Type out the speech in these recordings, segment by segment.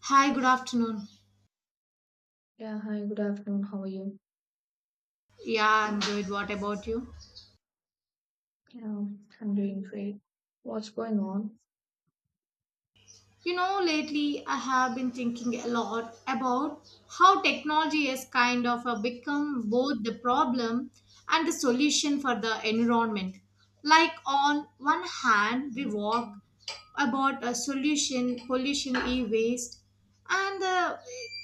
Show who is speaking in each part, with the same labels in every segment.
Speaker 1: Hi, good afternoon.
Speaker 2: Yeah, hi, good afternoon. How are you?
Speaker 1: Yeah, I'm good. What about you?
Speaker 2: Yeah, I'm doing great. What's going on?
Speaker 1: You know, lately I have been thinking a lot about how technology has kind of become both the problem and the solution for the environment. Like, on one hand, we walk about a solution pollution e waste and the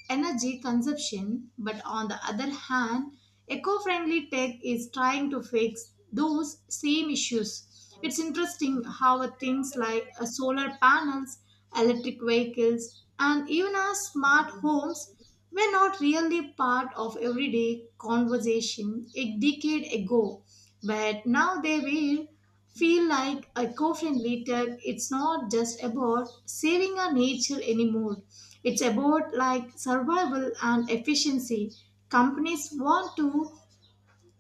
Speaker 1: energy consumption. But on the other hand, eco friendly tech is trying to fix those same issues. It's interesting how things like solar panels, electric vehicles, and even our smart homes were not really part of everyday conversation a decade ago. But now they will feel like eco-friendly tech. It's not just about saving our nature anymore. It's about like survival and efficiency. Companies want to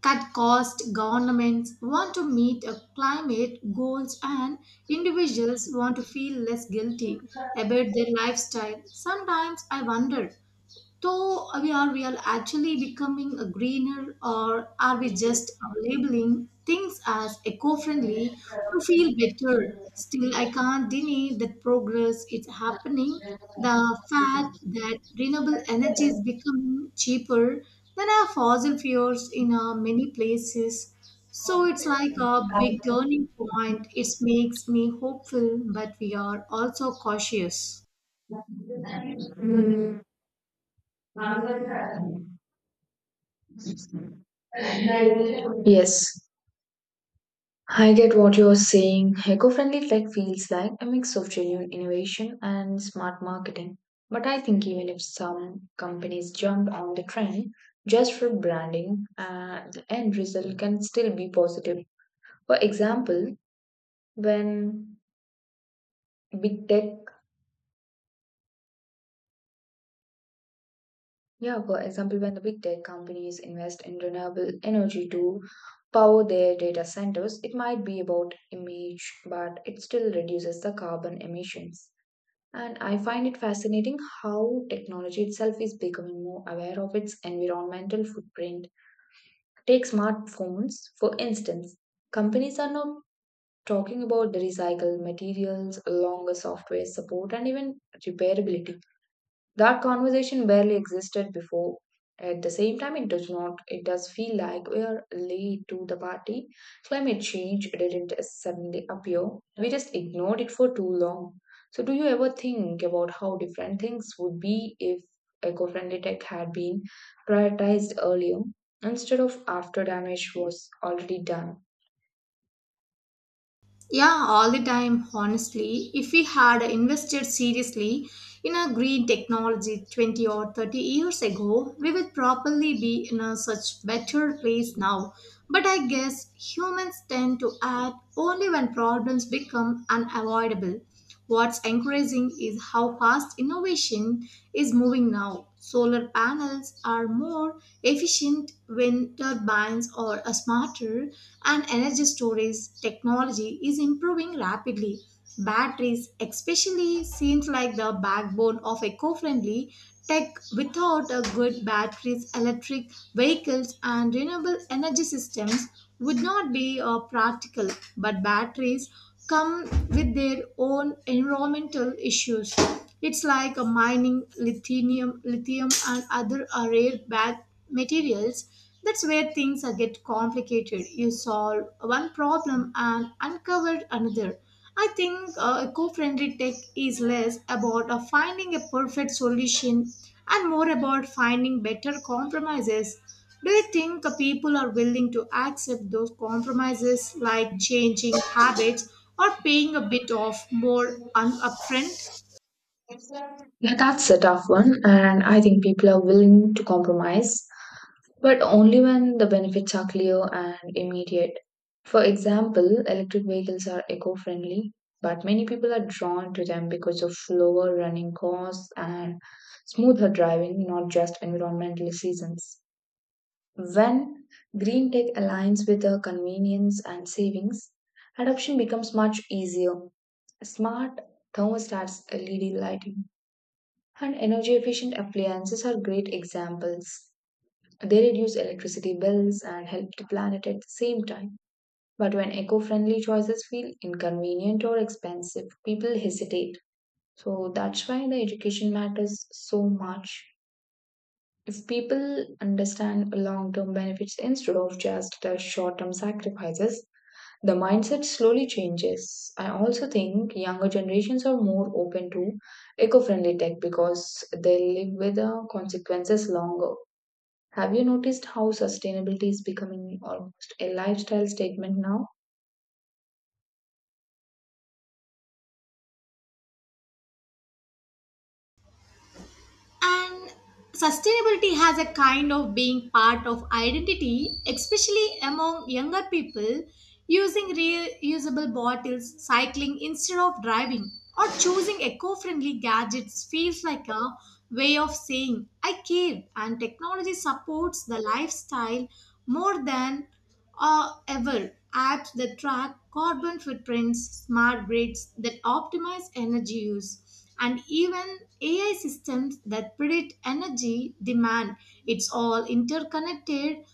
Speaker 1: cut costs, governments want to meet climate goals, and individuals want to feel less guilty about their lifestyle. Sometimes I wonder so we are actually becoming a greener, or are we just labeling things as eco-friendly to feel better? Still, I can't deny that progress is happening. The fact that renewable energy is becoming cheaper than our fossil fuels in many places. So it's like a big turning point. It makes me hopeful, but we are also cautious.
Speaker 2: Yes, I get what you're saying. Eco-friendly tech feels like a mix of genuine innovation and smart marketing. But I think even if some companies jumped on the trend just for branding, the end result can still be positive. For example, when big tech, when the big tech companies invest in renewable energy to power their data centers, it might be about image, but it still reduces the carbon emissions. And I find it fascinating how technology itself is becoming more aware of its environmental footprint. Take smartphones, for instance. Companies are now talking about the recycled materials, longer software support, and even repairability. That conversation barely existed before. At the same time, it does not it does feel like we are late to the party. Climate change didn't suddenly appear, we just ignored it for too long. So do you ever think about how different things would be if eco-friendly tech had been prioritized earlier instead of after damage was already done?
Speaker 1: Yeah, all the time, honestly. If we had invested seriously in a green technology 20 or 30 years ago, we would probably be in a such better place now. But I guess humans tend to act only when problems become unavoidable. What's encouraging is how fast innovation is moving now. Solar panels are more efficient wind turbines or are smarter, and energy storage technology is improving rapidly. Batteries, especially, seems like the backbone of eco friendly tech. Without a good batteries, electric vehicles, and renewable energy systems would not be practical, but batteries come with their own environmental issues. It's like a mining lithium and other rare bad materials. That's where things get complicated. You solve one problem and uncover another. I think eco-friendly tech is less about finding a perfect solution and more about finding better compromises. Do you think people are willing to accept those compromises like changing habits or paying a bit of more upfront?
Speaker 2: Yeah, that's a tough one, and I think people are willing to compromise. But only when the benefits are clear and immediate. For example, electric vehicles are eco friendly, but many people are drawn to them because of lower running costs and smoother driving, not just environmental seasons. When green tech aligns with the convenience and savings, adoption becomes much easier. Smart thermostats, LED lighting, and energy efficient appliances are great examples. They reduce electricity bills and help the planet at the same time. But when eco friendly choices feel inconvenient or expensive, people hesitate. So that's why the education matters so much. If people understand long term benefits instead of just the short term sacrifices, the mindset slowly changes. I also think younger generations are more open to eco friendly tech because they live with the consequences longer. Have you noticed how sustainability is becoming almost a lifestyle statement now?
Speaker 1: And sustainability has a kind of being part of identity, especially among younger people using reusable bottles, cycling instead of driving, or choosing eco-friendly gadgets feels like a way of saying I care and technology supports the lifestyle more than or ever apps that track carbon footprints, smart grids that optimize energy use, and even AI systems that predict energy demand. It's all interconnected.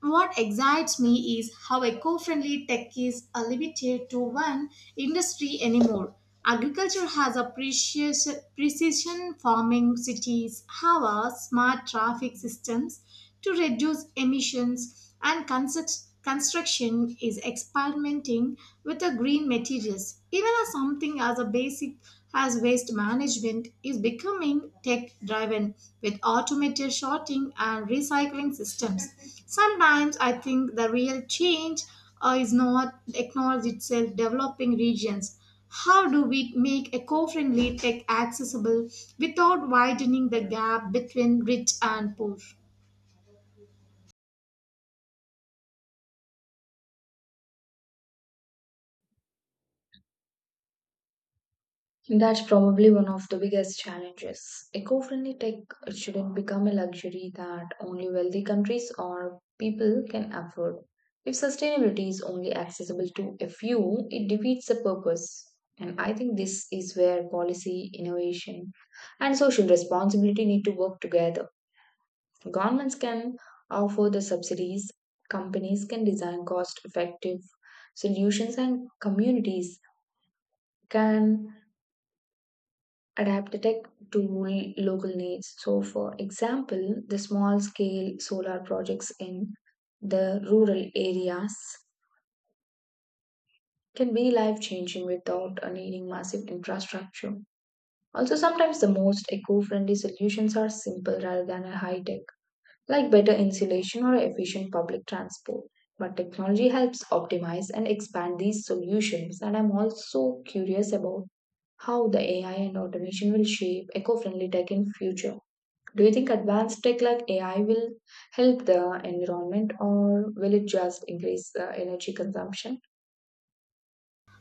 Speaker 1: What excites me is how eco friendly tech is limited to one industry anymore. Agriculture has a precision farming, cities have a smart traffic systems to reduce emissions, and construction is experimenting with the green materials. Even as something as a basic as waste management is becoming tech driven with automated sorting and recycling systems. Sometimes I think the real change is not acknowledged itself developing regions. How do we make eco-friendly tech accessible without widening the gap between rich and poor?
Speaker 2: That's probably one of the biggest challenges. Eco friendly tech shouldn't become a luxury that only wealthy countries or people can afford. If sustainability is only accessible to a few, it defeats the purpose. And I think this is where policy, innovation, and social responsibility need to work together. Governments can offer the subsidies, companies can design cost effective solutions, and communities can adapt the tech to local needs. So, for example, the small scale solar projects in the rural areas can be life changing without needing massive infrastructure. Also, sometimes the most eco friendly solutions are simple rather than high tech, like better insulation or efficient public transport. But technology helps optimize and expand these solutions, and I'm also curious about how the AI and automation will shape eco-friendly tech in future. Do you think advanced tech like AI will help the environment or will it just increase the energy consumption?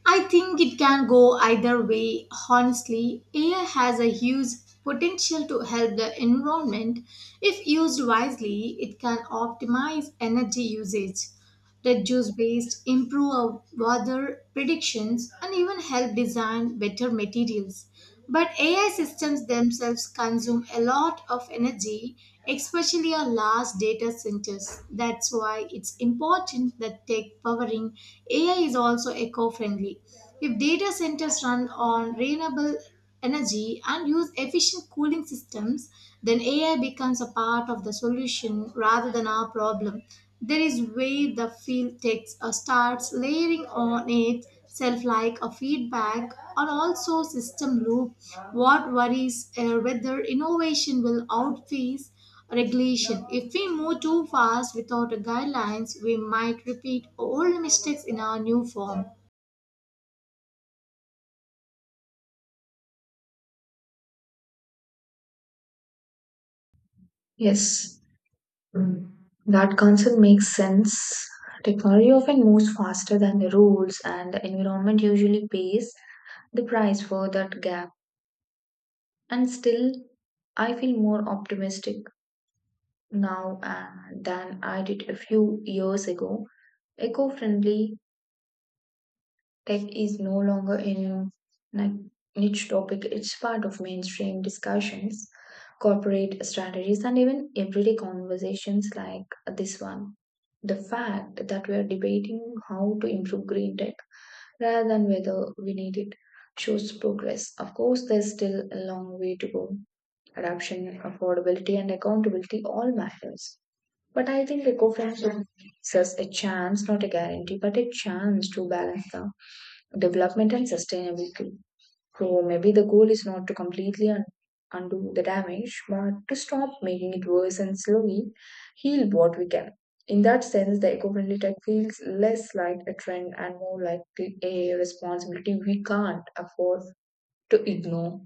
Speaker 1: I think it can go either way. Honestly, AI has a huge potential to help the environment. If used wisely, it can optimize energy usage, reduce waste, improve our weather predictions, and even help design better materials. But AI systems themselves consume a lot of energy, especially our large data centers. That's why it's important that tech powering AI is also eco friendly. If data centers run on renewable energy and use efficient cooling systems, then AI becomes a part of the solution rather than our problem. There is where the field takes starts layering on itself like a feedback or also system loop. What worries whether innovation will outpace regulation. If we move too fast without a guidelines, we might repeat old mistakes in our new form.
Speaker 2: Yes. Mm. That concept makes sense. Technology often moves faster than the rules, and the environment usually pays the price for that gap. And still, I feel more optimistic now than I did a few years ago. Eco friendly tech is no longer a ni- niche topic, it's part of mainstream discussions, corporate strategies, and even everyday conversations like this one. The fact that we are debating how to improve green tech rather than whether we need it shows progress. Of course, there's still a long way to go. Adoption, affordability, and accountability all matters. But I think eco-friendship gives us a chance, not a guarantee, but a chance to balance the development and sustainability. So maybe the goal is not to completely undo the damage, but to stop making it worse and slowly heal what we can. In that sense, the eco-friendly tech feels less like a trend and more like a responsibility we can't afford to ignore.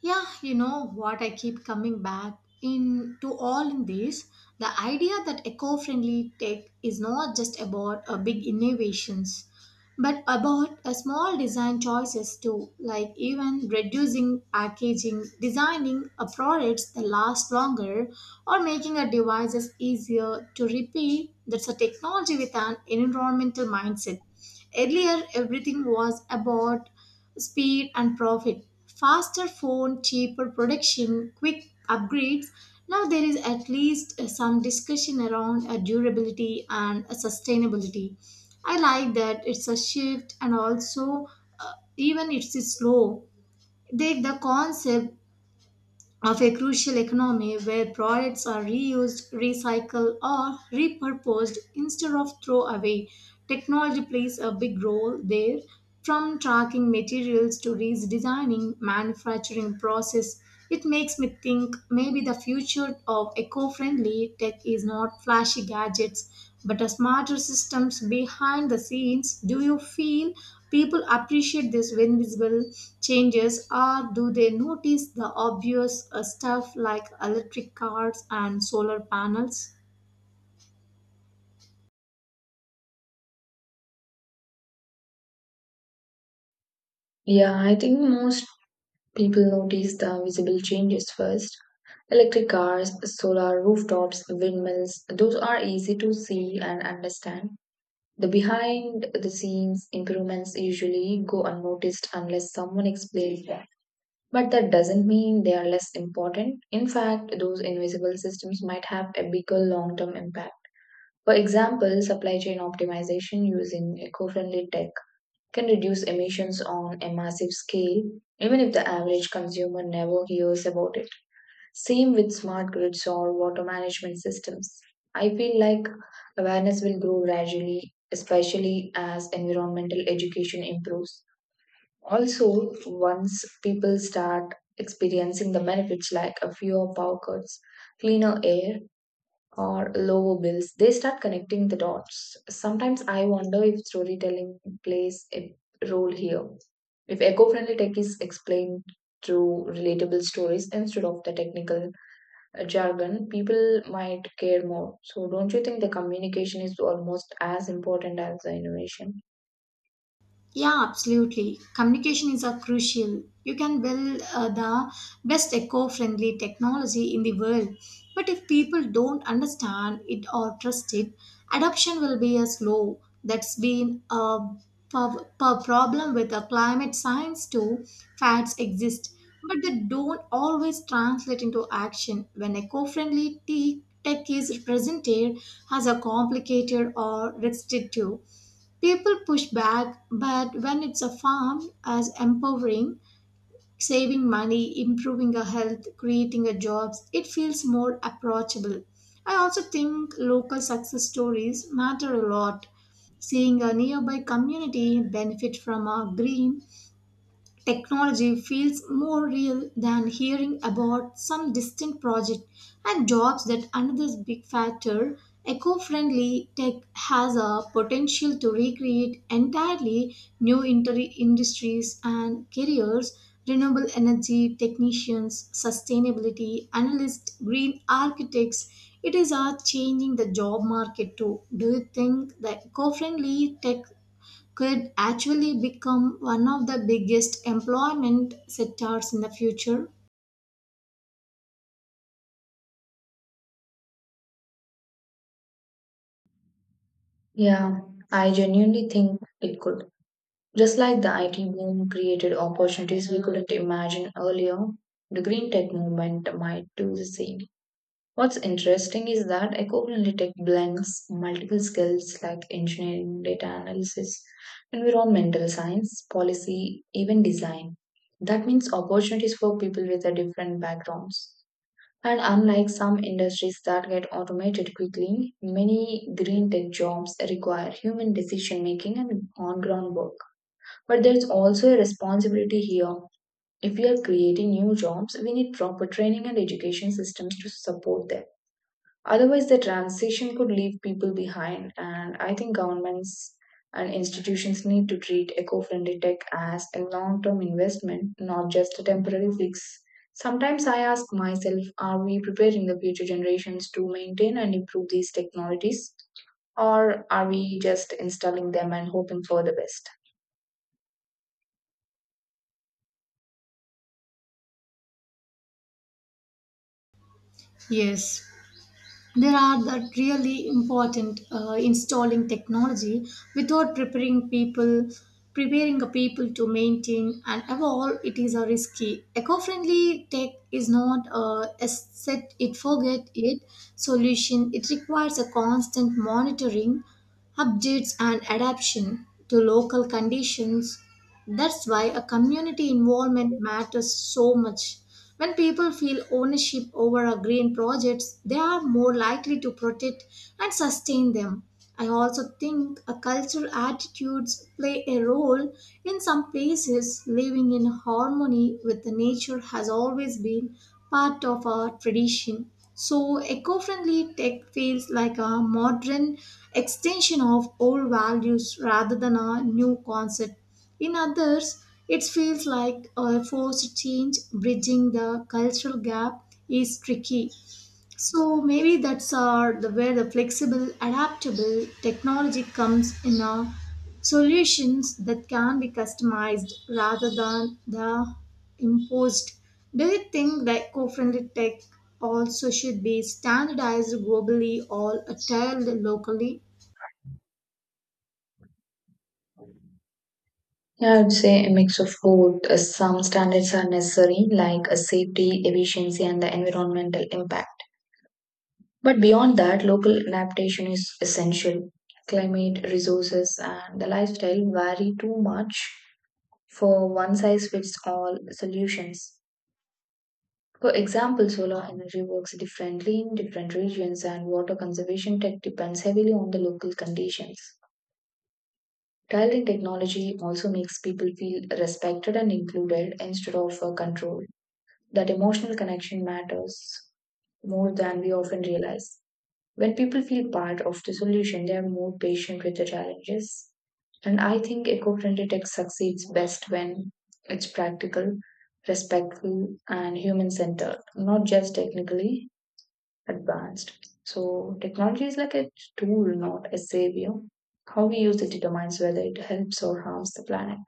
Speaker 1: Yeah, you know what I keep coming back in to all in this the idea that eco-friendly tech is not just about big innovations but about a small design choices too, like even reducing packaging, designing a products that last longer, or making a devices easier to repair. That's a technology with an environmental mindset. Earlier, everything was about speed and profit. Faster phone, cheaper production, quick upgrades. Now there is at least some discussion around durability and sustainability. I like that it's a shift and also even it's slow. Take the concept of a crucial economy where products are reused, recycled or repurposed instead of throw away. Technology plays a big role there from tracking materials to redesigning manufacturing process. It makes me think maybe the future of eco-friendly tech is not flashy gadgets but a smarter systems behind the scenes. Do you feel people appreciate these invisible changes or do they notice the obvious stuff like electric cars and solar panels?
Speaker 2: Yeah, I think most people notice the visible changes first. Electric cars, solar rooftops, windmills, those are easy to see and understand. The behind the scenes improvements usually go unnoticed unless someone explains them. But that doesn't mean they are less important. In fact, those invisible systems might have a bigger long term impact. For example, supply chain optimization using eco friendly tech can reduce emissions on a massive scale, even if the average consumer never hears about it. Same with smart grids or water management systems. I feel like awareness will grow gradually, especially as environmental education improves. Also, once people start experiencing the benefits like a fewer power cuts, cleaner air, or low bills, they start connecting the dots. Sometimes I wonder if storytelling plays a role here. If eco friendly tech is explained through relatable stories instead of the technical jargon, people might care more. So, don't you think the communication is almost as important as the innovation?
Speaker 1: Yeah, absolutely. Communication is a crucial. You can build the best eco-friendly technology in the world, but if people don't understand it or trust it, adoption will be a slow. That's been a per problem with the climate science too. Facts exist, but they don't always translate into action. When eco-friendly tech is presented as a complicated or restrictive, people push back, but when it's a farm as empowering, saving money, improving our health, creating a jobs, it feels more approachable. I also think local success stories matter a lot. Seeing a nearby community benefit from a green technology feels more real than hearing about some distant project and jobs that another big factor. Eco friendly tech has a potential to recreate entirely new industries and careers. Renewable energy technicians, sustainability analysts, green architects. It is are changing the job market too. Do you think the eco friendly tech could actually become one of the biggest employment sectors in the future?
Speaker 2: Yeah, I genuinely think it could. Just like the IT boom created opportunities we couldn't imagine earlier, the green tech movement might do the same. What's interesting is that eco-friendly tech blends multiple skills like engineering, data analysis, environmental science, policy, even design. That means opportunities for people with a different backgrounds. And unlike some industries that get automated quickly, many green tech jobs require human decision making and on-ground work. But there's also a responsibility here. If we are creating new jobs, we need proper training and education systems to support them. Otherwise, the transition could leave people behind, and I think governments and institutions need to treat eco friendly tech as a long term investment, not just a temporary fix. Sometimes I ask myself, are we preparing the future generations to maintain and improve these technologies, or are we just installing them and hoping for the best?
Speaker 1: Yes, there are the really important installing technology without preparing people, preparing a people to maintain and evolve. It is a risky. Eco-friendly tech is not a, a set it forget it solution. It requires a constant monitoring updates and adaptation to local conditions. That's why a community involvement matters so much. When people feel ownership over our green projects, they are more likely to protect and sustain them. I also think a cultural attitudes play a role. In some places, living in harmony with the nature has always been part of our tradition. So, eco-friendly tech feels like a modern extension of old values rather than a new concept. In others, it feels like a forced change. Bridging the cultural gap is tricky. So maybe that's our, the, where the flexible, adaptable technology comes in our solutions that can be customized rather than the imposed. Do you think that eco-friendly tech also should be standardized globally or tailored locally?
Speaker 2: Yeah, I would say a mix of both. Some standards are necessary, like a safety, efficiency, and the environmental impact. But beyond that, local adaptation is essential. Climate, resources, and the lifestyle vary too much for one size fits all solutions. For example, solar energy works differently in different regions, and water conservation tech depends heavily on the local conditions. Trial in technology also makes people feel respected and included instead of controlled. That emotional connection matters more than we often realize. When people feel part of the solution, they are more patient with the challenges. And I think eco friendly tech succeeds best when it's practical, respectful, and human centered, not just technically advanced. So, technology is like a tool, not a savior. How we use it determines whether it helps or harms the planet.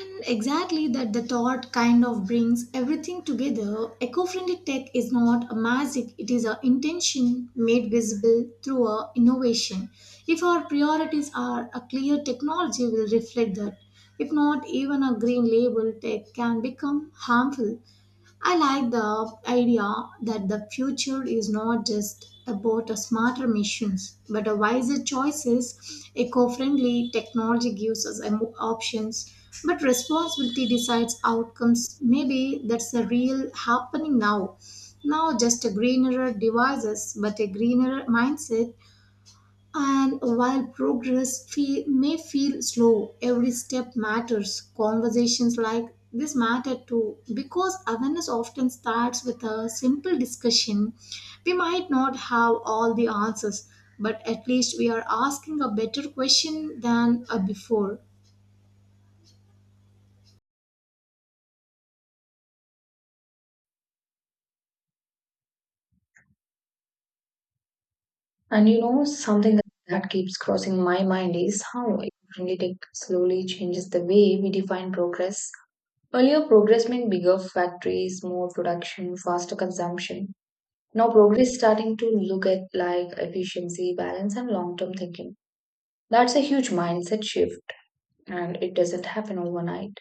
Speaker 1: And exactly that the thought kind of brings everything together. Eco friendly tech is not a magic, it is an intention made visible through a innovation. If our priorities are a clear technology will reflect that. If not, even a green label tech can become harmful. I like the idea that the future is not just about a smarter machines, but a wiser choices. Eco-friendly technology gives us a options, but responsibility decides outcomes. Maybe that's the real happening now. Now just a greener devices, but a greener mindset and while progress may feel slow, every step matters. Conversations like this matter too, because awareness often starts with a simple discussion. We might not have all the answers, but at least we are asking a better question than before.
Speaker 2: And you know, something that keeps crossing my mind is how eco friendly tech slowly changes the way we define progress. Earlier progress meant bigger factories, more production, faster consumption. Now progress is starting to look at like efficiency, balance and long-term thinking. That's a huge mindset shift and it doesn't happen overnight.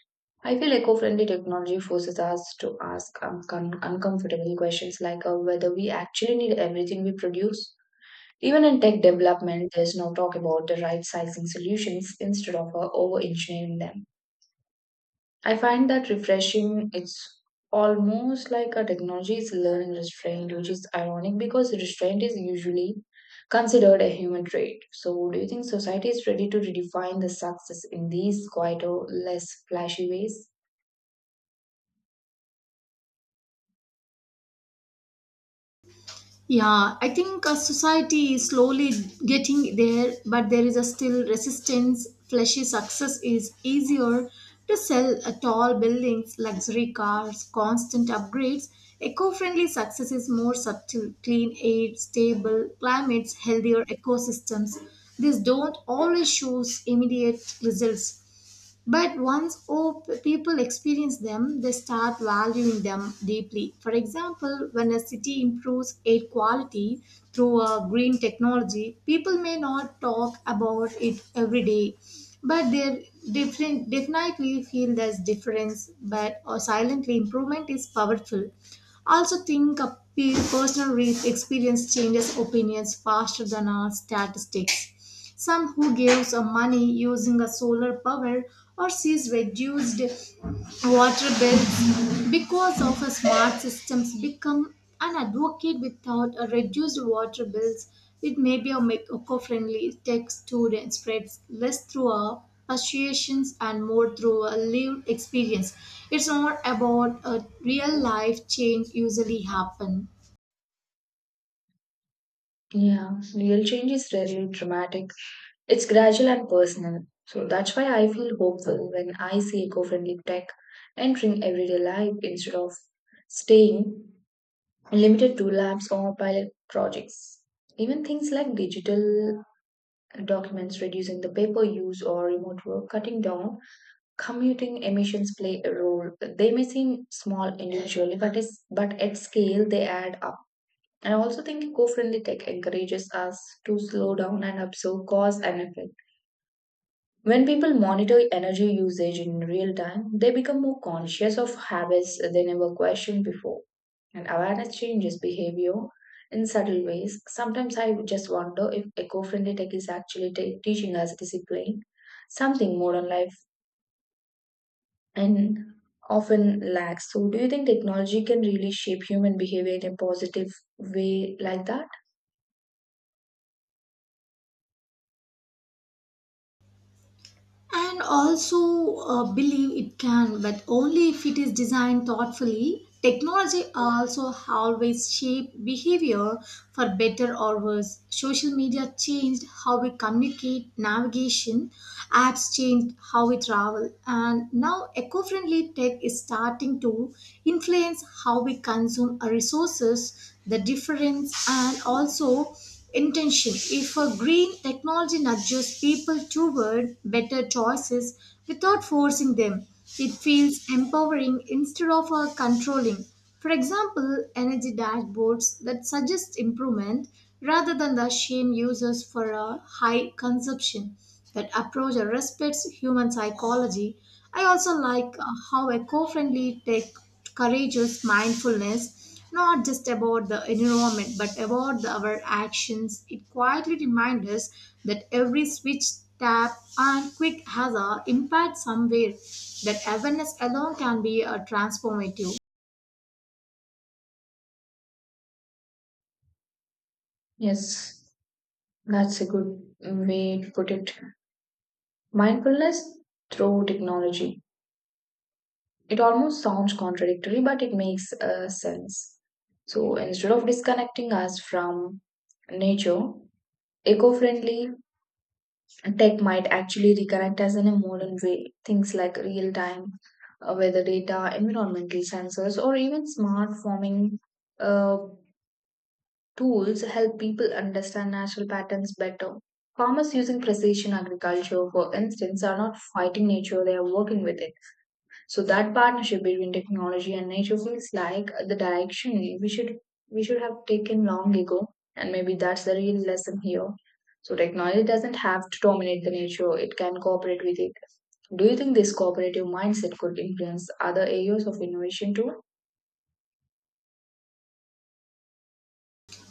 Speaker 2: I feel eco-friendly technology forces us to ask uncomfortable questions like whether we actually need everything we produce. Even in tech development, there's no talk about the right sizing solutions instead of over engineering them. I find that refreshing. It's almost like a technology is learning restraint, which is ironic because restraint is usually considered a human trait. So, do you think society is ready to redefine the success in these quieter, less flashy ways?
Speaker 1: Yeah, I think society is slowly getting there, but there is a still resistance. Flashy success is easier to sell tall buildings, luxury cars, constant upgrades. Eco friendly success is more subtle clean air, stable climates, healthier ecosystems. These don't always show immediate results. But once oh, people experience them, they start valuing them deeply. For example, when a city improves air quality through a green technology, people may not talk about it every day, but they different definitely feel there's difference. But or silently, improvement is powerful. Also, think a personal experience changes opinions faster than our statistics some who gives money using a solar power or sees reduced water bills because of a smart systems become an advocate without a reduced water bills it may be a eco-friendly tech student spreads less through our persuasions and more through a lived experience it's not about a real life change usually happen
Speaker 2: Yeah, real change is rarely dramatic. It's gradual and personal. So that's why I feel hopeful when I see eco friendly tech entering everyday life instead of staying limited to labs or pilot projects. Even things like digital documents, reducing the paper use or remote work, cutting down commuting emissions play a role. They may seem small individually, but at scale they add up. And I also think eco friendly tech encourages us to slow down and observe cause and effect. When people monitor energy usage in real time, they become more conscious of habits they never questioned before. And awareness changes behavior in subtle ways. Sometimes I just wonder if eco friendly tech is actually ta teaching us discipline, something modern life and often lacks. So, do you think technology can really shape human behavior in a positive way like that?
Speaker 1: and also believe it can but only if it is designed thoughtfully technology also always shape behavior for better or worse social media changed how we communicate navigation apps changed how we travel and now eco-friendly tech is starting to influence how we consume our resources the difference and also intention. If a green technology nudges people toward better choices without forcing them, it feels empowering instead of controlling. For example, energy dashboards that suggest improvement rather than the shame users for a high consumption. That approach respects human psychology. I also like how eco friendly tech encourages mindfulness not just about the environment but about our actions. It quietly reminds us that every switch, tap, and quick has an impact somewhere, that awareness alone can be a transformative.
Speaker 2: Yes, that's a good way to put it. Mindfulness through technology. It almost sounds contradictory, but it makes sense. So instead of disconnecting us from nature, eco friendly tech might actually reconnect us in a modern way. Things like real time weather data, environmental sensors, or even smart farming uh, tools help people understand natural patterns better. Farmers using precision agriculture, for instance, are not fighting nature, they are working with it. So that partnership between technology and nature feels like the direction we should have taken long ago, and maybe that's the real lesson here. So technology doesn't have to dominate the nature; it can cooperate with it. Do you think this cooperative mindset could influence other areas of innovation too?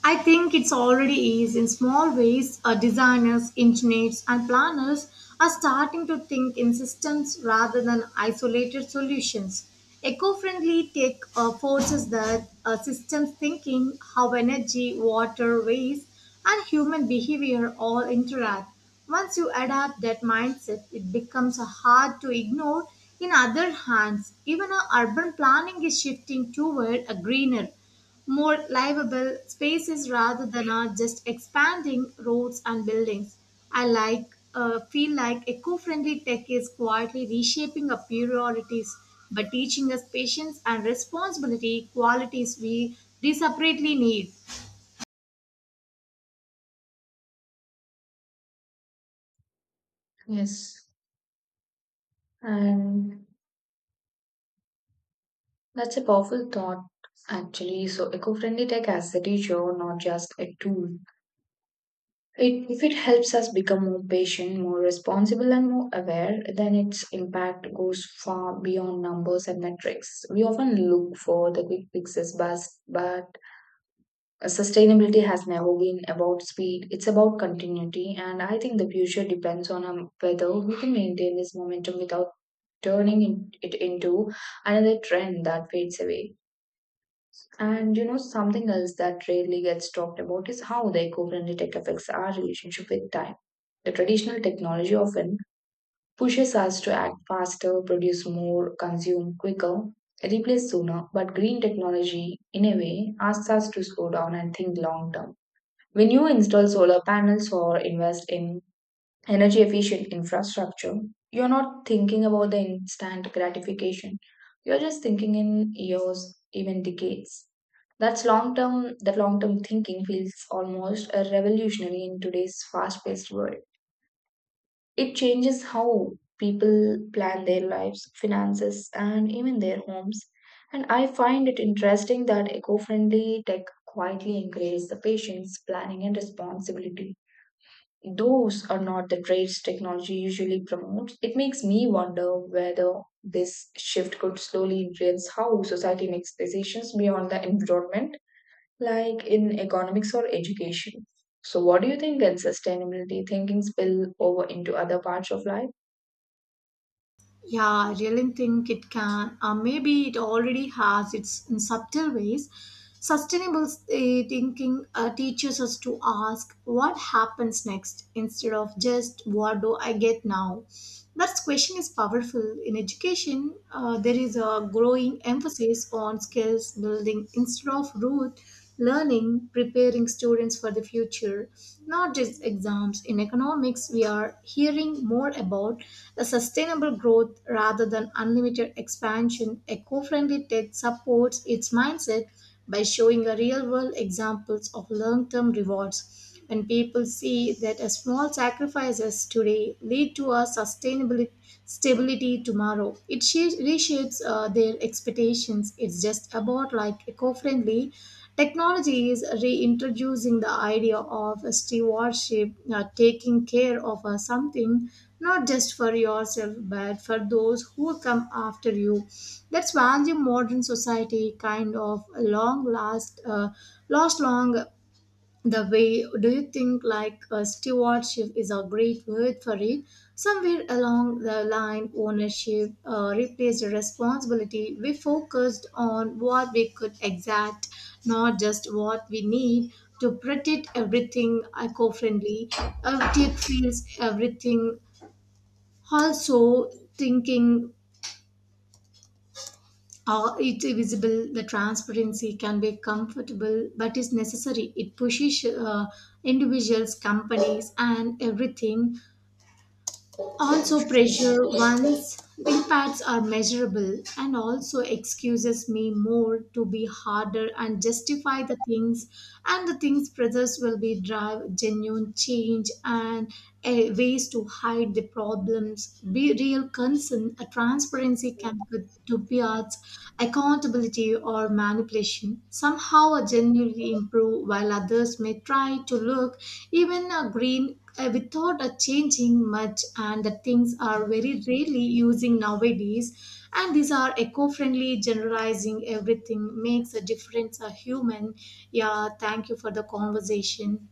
Speaker 1: I think it's already is in small ways. Designers, engineers, and planners are starting to think in systems rather than isolated solutions. Eco friendly tech forces that systems thinking how energy, water, waste, and human behavior all interact. Once you adapt that mindset, it becomes hard to ignore. In other hands, even our urban planning is shifting toward a greener more livable spaces rather than are just expanding roads and buildings. I like feel like eco-friendly tech is quietly reshaping our priorities but teaching us patience and responsibility qualities we desperately need.
Speaker 2: Yes. And that's a powerful thought, actually. So, eco friendly tech as a teacher, not just a tool. It, if it helps us become more patient, more responsible, and more aware, then its impact goes far beyond numbers and metrics. We often look for the quick fixes, but sustainability has never been about speed. It's about continuity, and I think the future depends on whether we can maintain this momentum without it into another trend that fades away. And you know, something else that rarely gets talked about is how the eco friendly tech affects our relationship with time. The traditional technology often pushes us to act faster, produce more, consume quicker, replace sooner, but green technology, in a way, asks us to slow down and think long term. When you install solar panels or invest in energy efficient infrastructure, you're not thinking about the instant gratification, you're just thinking in years, even decades. That's long term. That long term thinking feels almost a revolutionary in today's fast paced world. It changes how people plan their lives, finances and even their homes. And I find it interesting that eco friendly tech quietly encourages the patience, planning and responsibility. Those are not the traits technology usually promotes. It makes me wonder whether this shift could slowly influence how society makes decisions beyond the environment, like in economics or education. So, what do you think, can sustainability thinking spill over into other parts of life?
Speaker 1: Yeah, I really think it can. Maybe it already has. It's in subtle ways. Sustainable thinking teaches us to ask what happens next instead of just what do I get now. That question is powerful. In education, there is a growing emphasis on skills building instead of rote learning preparing students for the future not just exams in economics we are hearing more about a sustainable growth rather than unlimited expansion eco-friendly tech supports its mindset by showing a real-world examples of long-term rewards when people see that a small sacrifices today lead to a sustainability stability tomorrow. It reshapes their expectations. It's just about like eco-friendly technology is reintroducing the idea of a stewardship, taking care of something not just for yourself but for those who come after you. That's value modern society kind of long last lost long the way do you think like a stewardship is a great word for it somewhere along the line ownership replaced responsibility we focused on what we could exact not just what we need to protect everything eco-friendly everything feels everything also thinking it's visible the transparency can be comfortable but is necessary it pushes individuals companies and everything also, pressure once impacts are measurable and also excuses me more to be harder and justify the things and the things pressures will be drive genuine change and ways to hide the problems be real concern a transparency can could to be arts accountability or manipulation somehow a genuinely improve while others may try to look even a green without changing much and the things are very rarely using nowadays and these are eco-friendly generalizing everything makes a difference a human yeah thank you for the conversation.